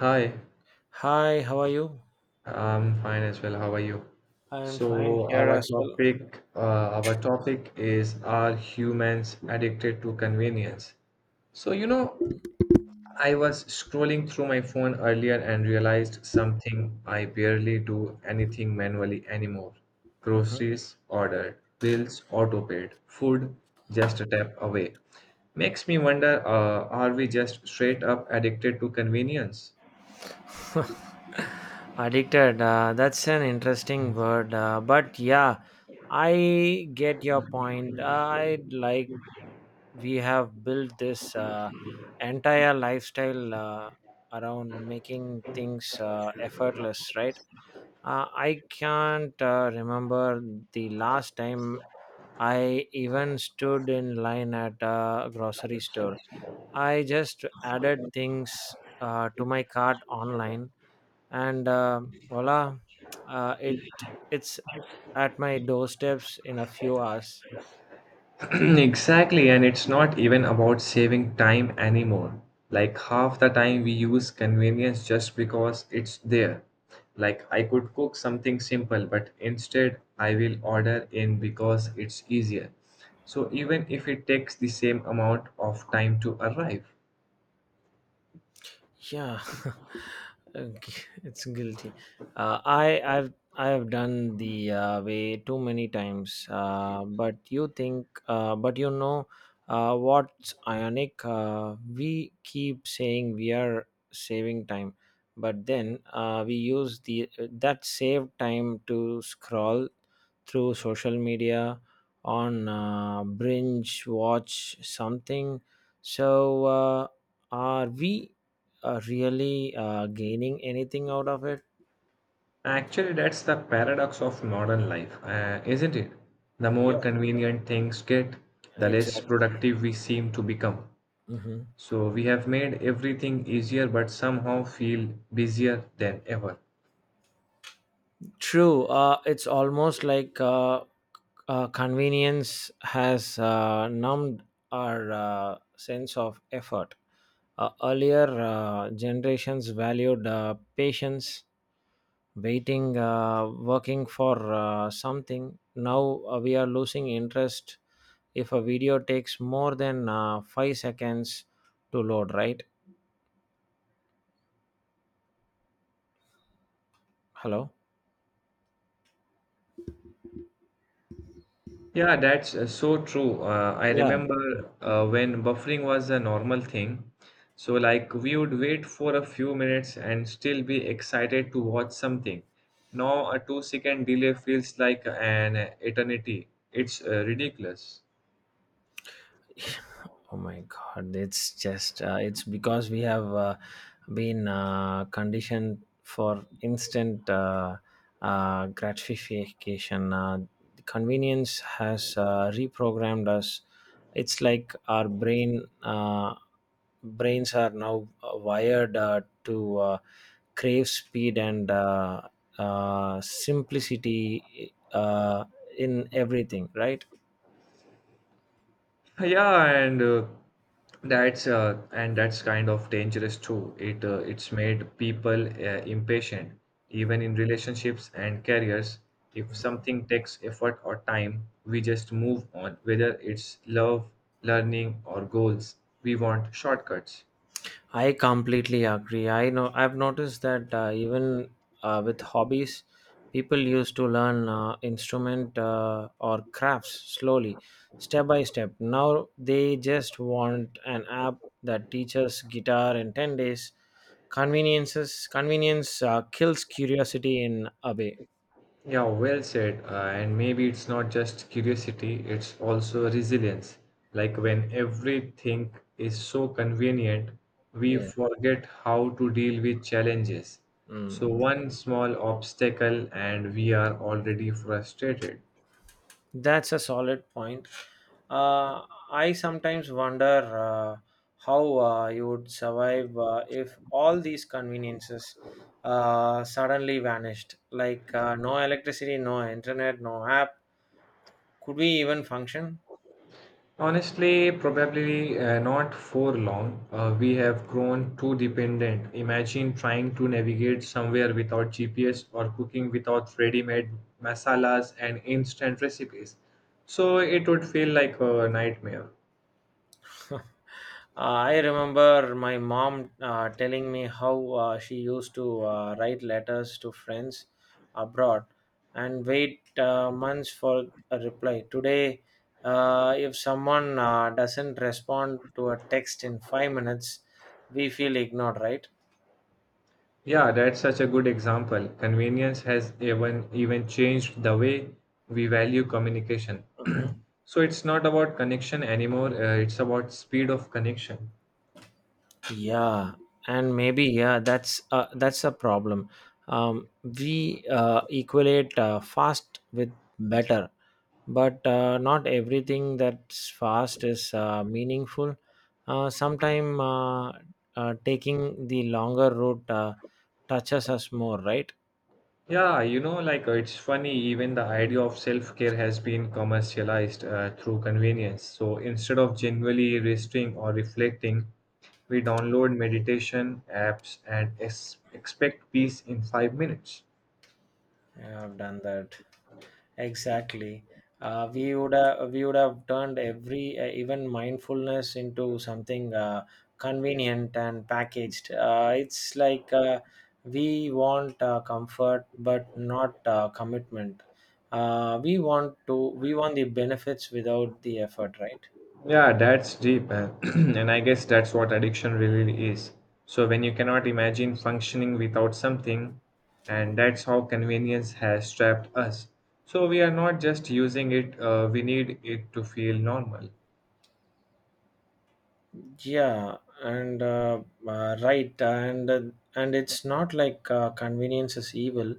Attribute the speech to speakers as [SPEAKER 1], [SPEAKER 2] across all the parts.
[SPEAKER 1] Hi,
[SPEAKER 2] Hi, how are you?
[SPEAKER 1] I'm fine as well. How are you?
[SPEAKER 2] I am fine
[SPEAKER 1] So
[SPEAKER 2] here
[SPEAKER 1] our
[SPEAKER 2] as well.
[SPEAKER 1] topic, our topic is are humans addicted to convenience? So you know, I was scrolling through my phone earlier and realized something. I barely do anything manually anymore.
[SPEAKER 2] Mhm.
[SPEAKER 1] Groceries ordered, bills auto paid, food just a tap away. Makes me wonder, are we just straight up addicted to convenience?
[SPEAKER 2] Addicted. That's an interesting word. But yeah, I get your point. I'd like We have built this entire lifestyle around making things effortless, right? I can't remember the last time I even stood in line at a grocery store. I just added things to my cart online, and voila, uh, it it's at my doorsteps in a few hours.
[SPEAKER 1] Exactly, and it's not even about saving time anymore. Like half the time we use convenience just because it's there. Like I could cook something simple, but instead I will order in because it's easier. So even if it takes the same amount of time to arrive.
[SPEAKER 2] Yeah. Okay, it's guilty. I have done the way too many times. But you know, what's ionic? We keep saying we are saving time, but then we use the that saved time to scroll through social media on binge watch something so are we really gaining anything out of it?
[SPEAKER 1] Actually, that's the paradox of modern life, isn't it? The more
[SPEAKER 2] Yeah.
[SPEAKER 1] convenient things get, the less
[SPEAKER 2] Exactly.
[SPEAKER 1] productive we seem to become.
[SPEAKER 2] Hmm.
[SPEAKER 1] So we have made everything easier, but somehow feel busier than ever.
[SPEAKER 2] True. It's almost like convenience has numbed our sense of effort. Earlier generations valued patience, waiting, working for something. Now we are losing interest if a video takes more than 5 seconds to load, right? Hello?
[SPEAKER 1] Yeah, that's so true. I
[SPEAKER 2] Yeah.
[SPEAKER 1] remember when buffering was a normal thing. So, like, we would wait for a few minutes and still be excited to watch something. Now, a 2 second delay feels like an eternity. It's ridiculous.
[SPEAKER 2] Oh my God, it's just it's because we have been conditioned for instant gratification. Convenience has reprogrammed us. It's like our brains are now wired to crave speed and simplicity in everything, right?
[SPEAKER 1] Yeah, and that's kind of dangerous too. It's made people impatient, even in relationships and careers. If something takes effort or time, we just move on, whether it's love, learning, or goals. We want shortcuts.
[SPEAKER 2] I completely agree. I know I've noticed that even with hobbies, people used to learn instrument or crafts slowly, step by step. Now they just want an app that teaches guitar in 10 days. Convenience kills curiosity in a way.
[SPEAKER 1] Yeah, well said. And maybe it's not just curiosity, it's also resilience. Like when everything is so convenient, we
[SPEAKER 2] Yeah.
[SPEAKER 1] forget how to deal with challenges. So,
[SPEAKER 2] Mm.
[SPEAKER 1] one small obstacle, and we are already frustrated.
[SPEAKER 2] That's a solid point. Uh, I sometimes wonder uh, how you would survive if all these conveniences suddenly vanished. Like no electricity, no internet, no app. Could we even function?
[SPEAKER 1] Honestly, probably not for long. We have grown too dependent. Imagine trying to navigate somewhere without GPS or cooking without ready made masalas and instant recipes. So it would feel like a nightmare.
[SPEAKER 2] Uh, I remember my mom telling me how she used to write letters to friends abroad and wait months for a reply. Today, if someone doesn't respond to a text in 5 minutes, we feel ignored, right?
[SPEAKER 1] Yeah, that's such a good example. Convenience has even changed the way we value communication.
[SPEAKER 2] Mhm.
[SPEAKER 1] So it's not about connection anymore, it's about speed of connection.
[SPEAKER 2] Yeah, and maybe yeah that's a problem. We equate fast with better, but not everything that's fast is meaningful. Uh, sometime taking the longer route touches us more, right?
[SPEAKER 1] Yeah, you know, like it's funny, even the idea of self-care has been commercialized through convenience. So instead of genuinely resting or reflecting, we download meditation apps and expect peace in 5 minutes.
[SPEAKER 2] Yeah, I've done that. Exactly. We would have turned every even mindfulness into something convenient and packaged. It's like we want comfort but not commitment. We want the benefits without the effort, right?
[SPEAKER 1] Yeah, that's deep, and I guess that's what addiction really is. So when you cannot imagine functioning without something, and that's how convenience has trapped us. So we are not just using it, we need it to feel normal.
[SPEAKER 2] Yeah, and right, and it's not like convenience is evil.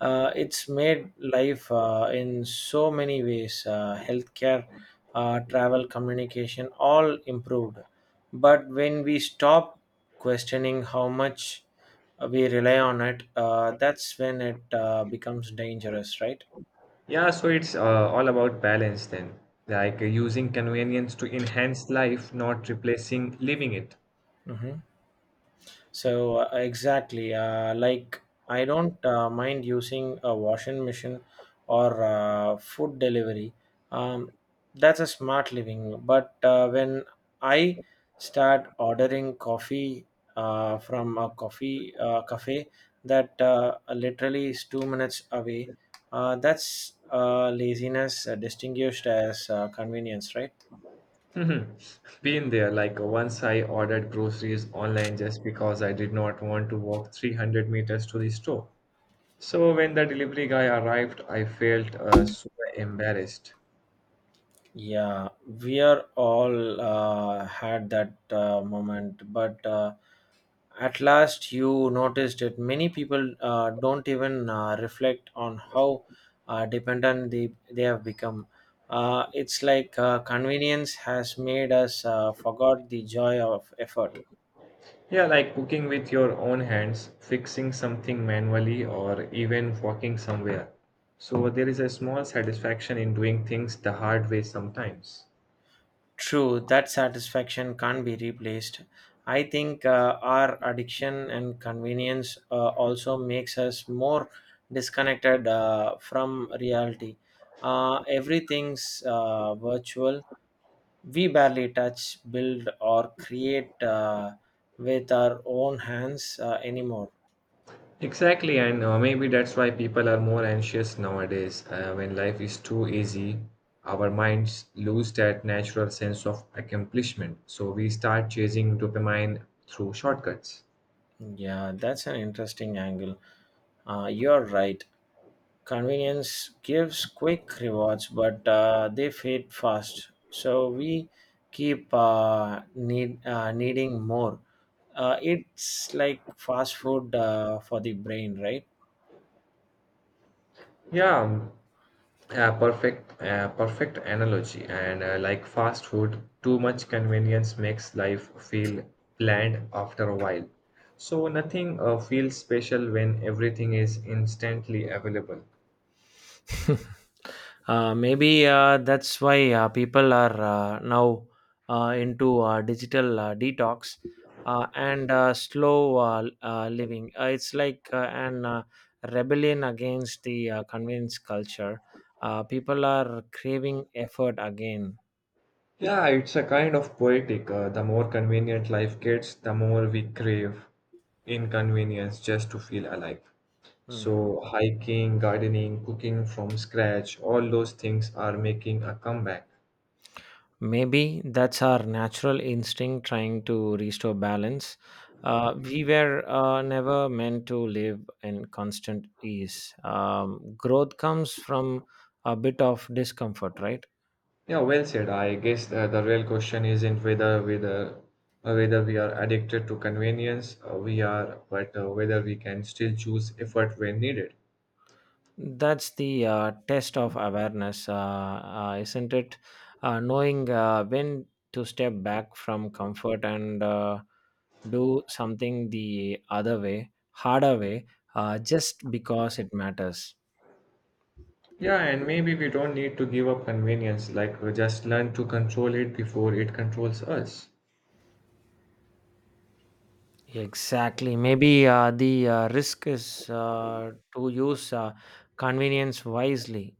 [SPEAKER 2] It's made life in so many ways. Healthcare, travel, communication, all improved. But when we stop questioning how much we rely on it, that's when it becomes dangerous, right?
[SPEAKER 1] Yeah, so it's all about balance then, like using convenience to enhance life, not replacing living it.
[SPEAKER 2] Mm-hmm. So exactly, like I don't mind using a washing machine or food delivery. Um, that's a smart living. But when I start ordering coffee from a coffee cafe that literally is 2 minutes away, that's laziness distinguished as convenience, right?
[SPEAKER 1] Mhm. Been there, like once I ordered groceries online just because I did not want to walk 300 meters to the store. So when the delivery guy arrived, I felt super embarrassed.
[SPEAKER 2] Yeah, we are all had that moment, but at last you noticed it. Many people don't even reflect on how dependent they have become. It's like convenience has made us forgot the joy of effort.
[SPEAKER 1] Yeah, like cooking with your own hands, fixing something manually, or even walking somewhere. So there is a small satisfaction in doing things the hard way sometimes.
[SPEAKER 2] True, that satisfaction can't be replaced. I think our addiction and convenience also makes us more disconnected from reality. Everything's virtual. We barely touch, build, or create with our own hands anymore.
[SPEAKER 1] Exactly, and maybe that's why people are more anxious nowadays. When life is too easy, our minds lose that natural sense of accomplishment. So we start chasing dopamine through shortcuts.
[SPEAKER 2] Yeah, that's an interesting angle. You're right. Convenience gives quick rewards, but they fade fast. So we keep needing more. It's like fast food for the brain, right?
[SPEAKER 1] Yeah, perfect analogy. And like fast food, too much convenience makes life feel bland after a while. So nothing feels special when everything is instantly available.
[SPEAKER 2] Maybe that's why people are now into digital detox and slow living. It's like an rebellion against the convenience culture. People are craving effort again.
[SPEAKER 1] Yeah, it's a kind of poetic. The more convenient life gets, the more we crave inconvenience just to feel alive.
[SPEAKER 2] Mhm.
[SPEAKER 1] So, hiking, gardening, cooking from scratch, all those things are making a comeback.
[SPEAKER 2] Maybe that's our natural instinct trying to restore balance. We were never meant to live in constant ease. Growth comes from a bit of discomfort, right?
[SPEAKER 1] Yeah, well said. I guess the real question isn't whether we are addicted to convenience, we are, but whether we can still choose effort when needed.
[SPEAKER 2] That's the test of awareness, isn't it? Knowing when to step back from comfort and do something the harder way, just because it matters.
[SPEAKER 1] Yeah, and maybe we don't need to give up convenience, like just learn to control it before it controls us.
[SPEAKER 2] Exactly. Maybe the risk is to use convenience wisely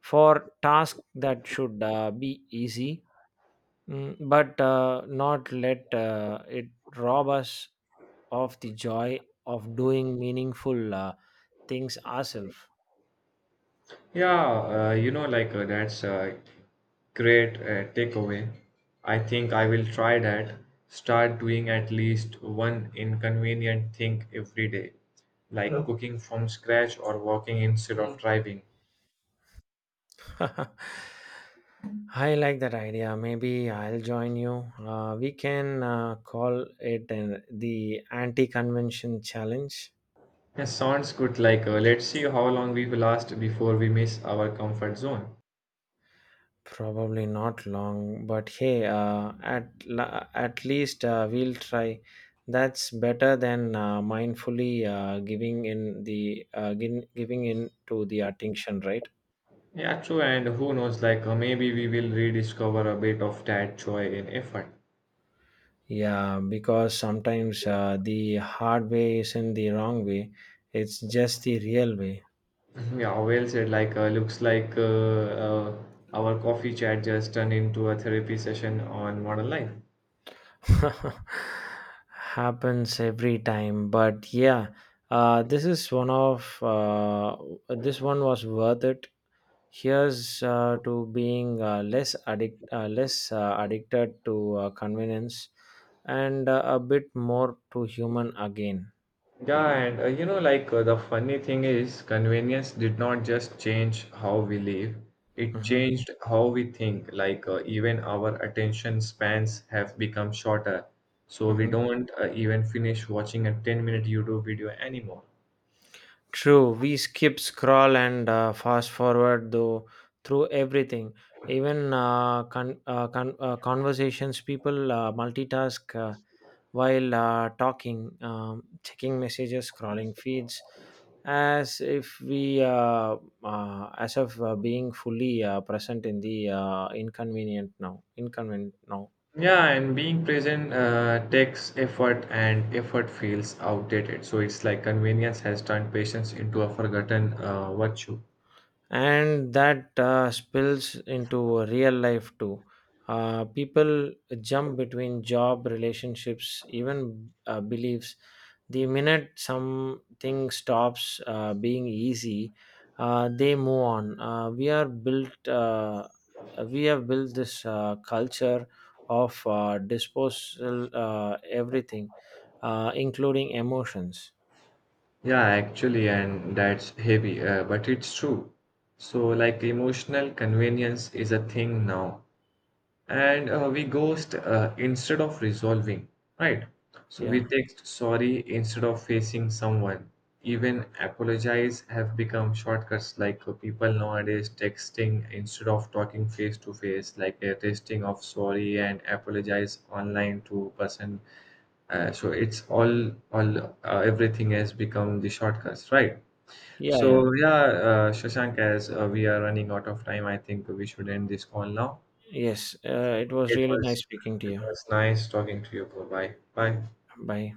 [SPEAKER 2] for tasks that should be easy, but not let it rob us of the joy of doing meaningful things ourselves.
[SPEAKER 1] Yeah, you know, like that's a great takeaway. I think I will try that. Start doing at least one inconvenient thing every day, like Mm. cooking from scratch or walking instead of Mm. driving.
[SPEAKER 2] I like that idea. Maybe I'll join you. We can call it the anti convention challenge.
[SPEAKER 1] Yeah, sounds good. Like, let's see how long we will last before we miss our comfort zone.
[SPEAKER 2] Probably not long, but hey, at least we'll try. That's better than mindfully giving in to the attention, right?
[SPEAKER 1] Yeah, true. And who knows, like maybe we will rediscover a bit of that joy in effort.
[SPEAKER 2] Yeah, because sometimes the hard way isn't the wrong way; it's just the real way.
[SPEAKER 1] Yeah, well said. Like, looks like our coffee chat just turned into a therapy session on modern life.
[SPEAKER 2] Happens every time, but yeah, uh, this is one of uh, this one was worth it. Here's to being less addicted to convenience, and a bit more to human again.
[SPEAKER 1] Yeah, and you know, like the funny thing is, convenience did not just change how we live, it
[SPEAKER 2] Hmm.
[SPEAKER 1] changed how we think. Like, even our attention spans have become shorter. So we don't even finish watching a 10-minute YouTube video anymore.
[SPEAKER 2] True, we skip, scroll, and fast forward though through everything, even conversations. People multitask while talking, checking messages, scrolling feeds, as if we, as of being fully present in the inconvenient now.
[SPEAKER 1] Yeah, and being present takes effort, and effort feels outdated. So it's like convenience has turned patience into a forgotten virtue.
[SPEAKER 2] And that spills into real life too. People jump between job, relationships, even beliefs. The minute something stops being easy, they move on. We are built. We have built this culture of disposal everything, including emotions.
[SPEAKER 1] Yeah, actually, and that's heavy, but it's true. So, like, emotional convenience is a thing now. And we ghost instead of resolving, right? So we
[SPEAKER 2] Yeah,
[SPEAKER 1] text sorry instead of facing someone. Even apologize have become shortcuts, like people nowadays texting instead of talking face to face, like a testing of sorry and apologize online to person, so it's all everything has become the shortcuts, right? So
[SPEAKER 2] yeah.
[SPEAKER 1] yeah, Shashank, as we are running out of time, I think we should end this call now.
[SPEAKER 2] Yes, it was
[SPEAKER 1] it
[SPEAKER 2] really nice
[SPEAKER 1] was
[SPEAKER 2] speaking to
[SPEAKER 1] it
[SPEAKER 2] you.
[SPEAKER 1] was nice talking to you. Bro. Bye bye.
[SPEAKER 2] Bye.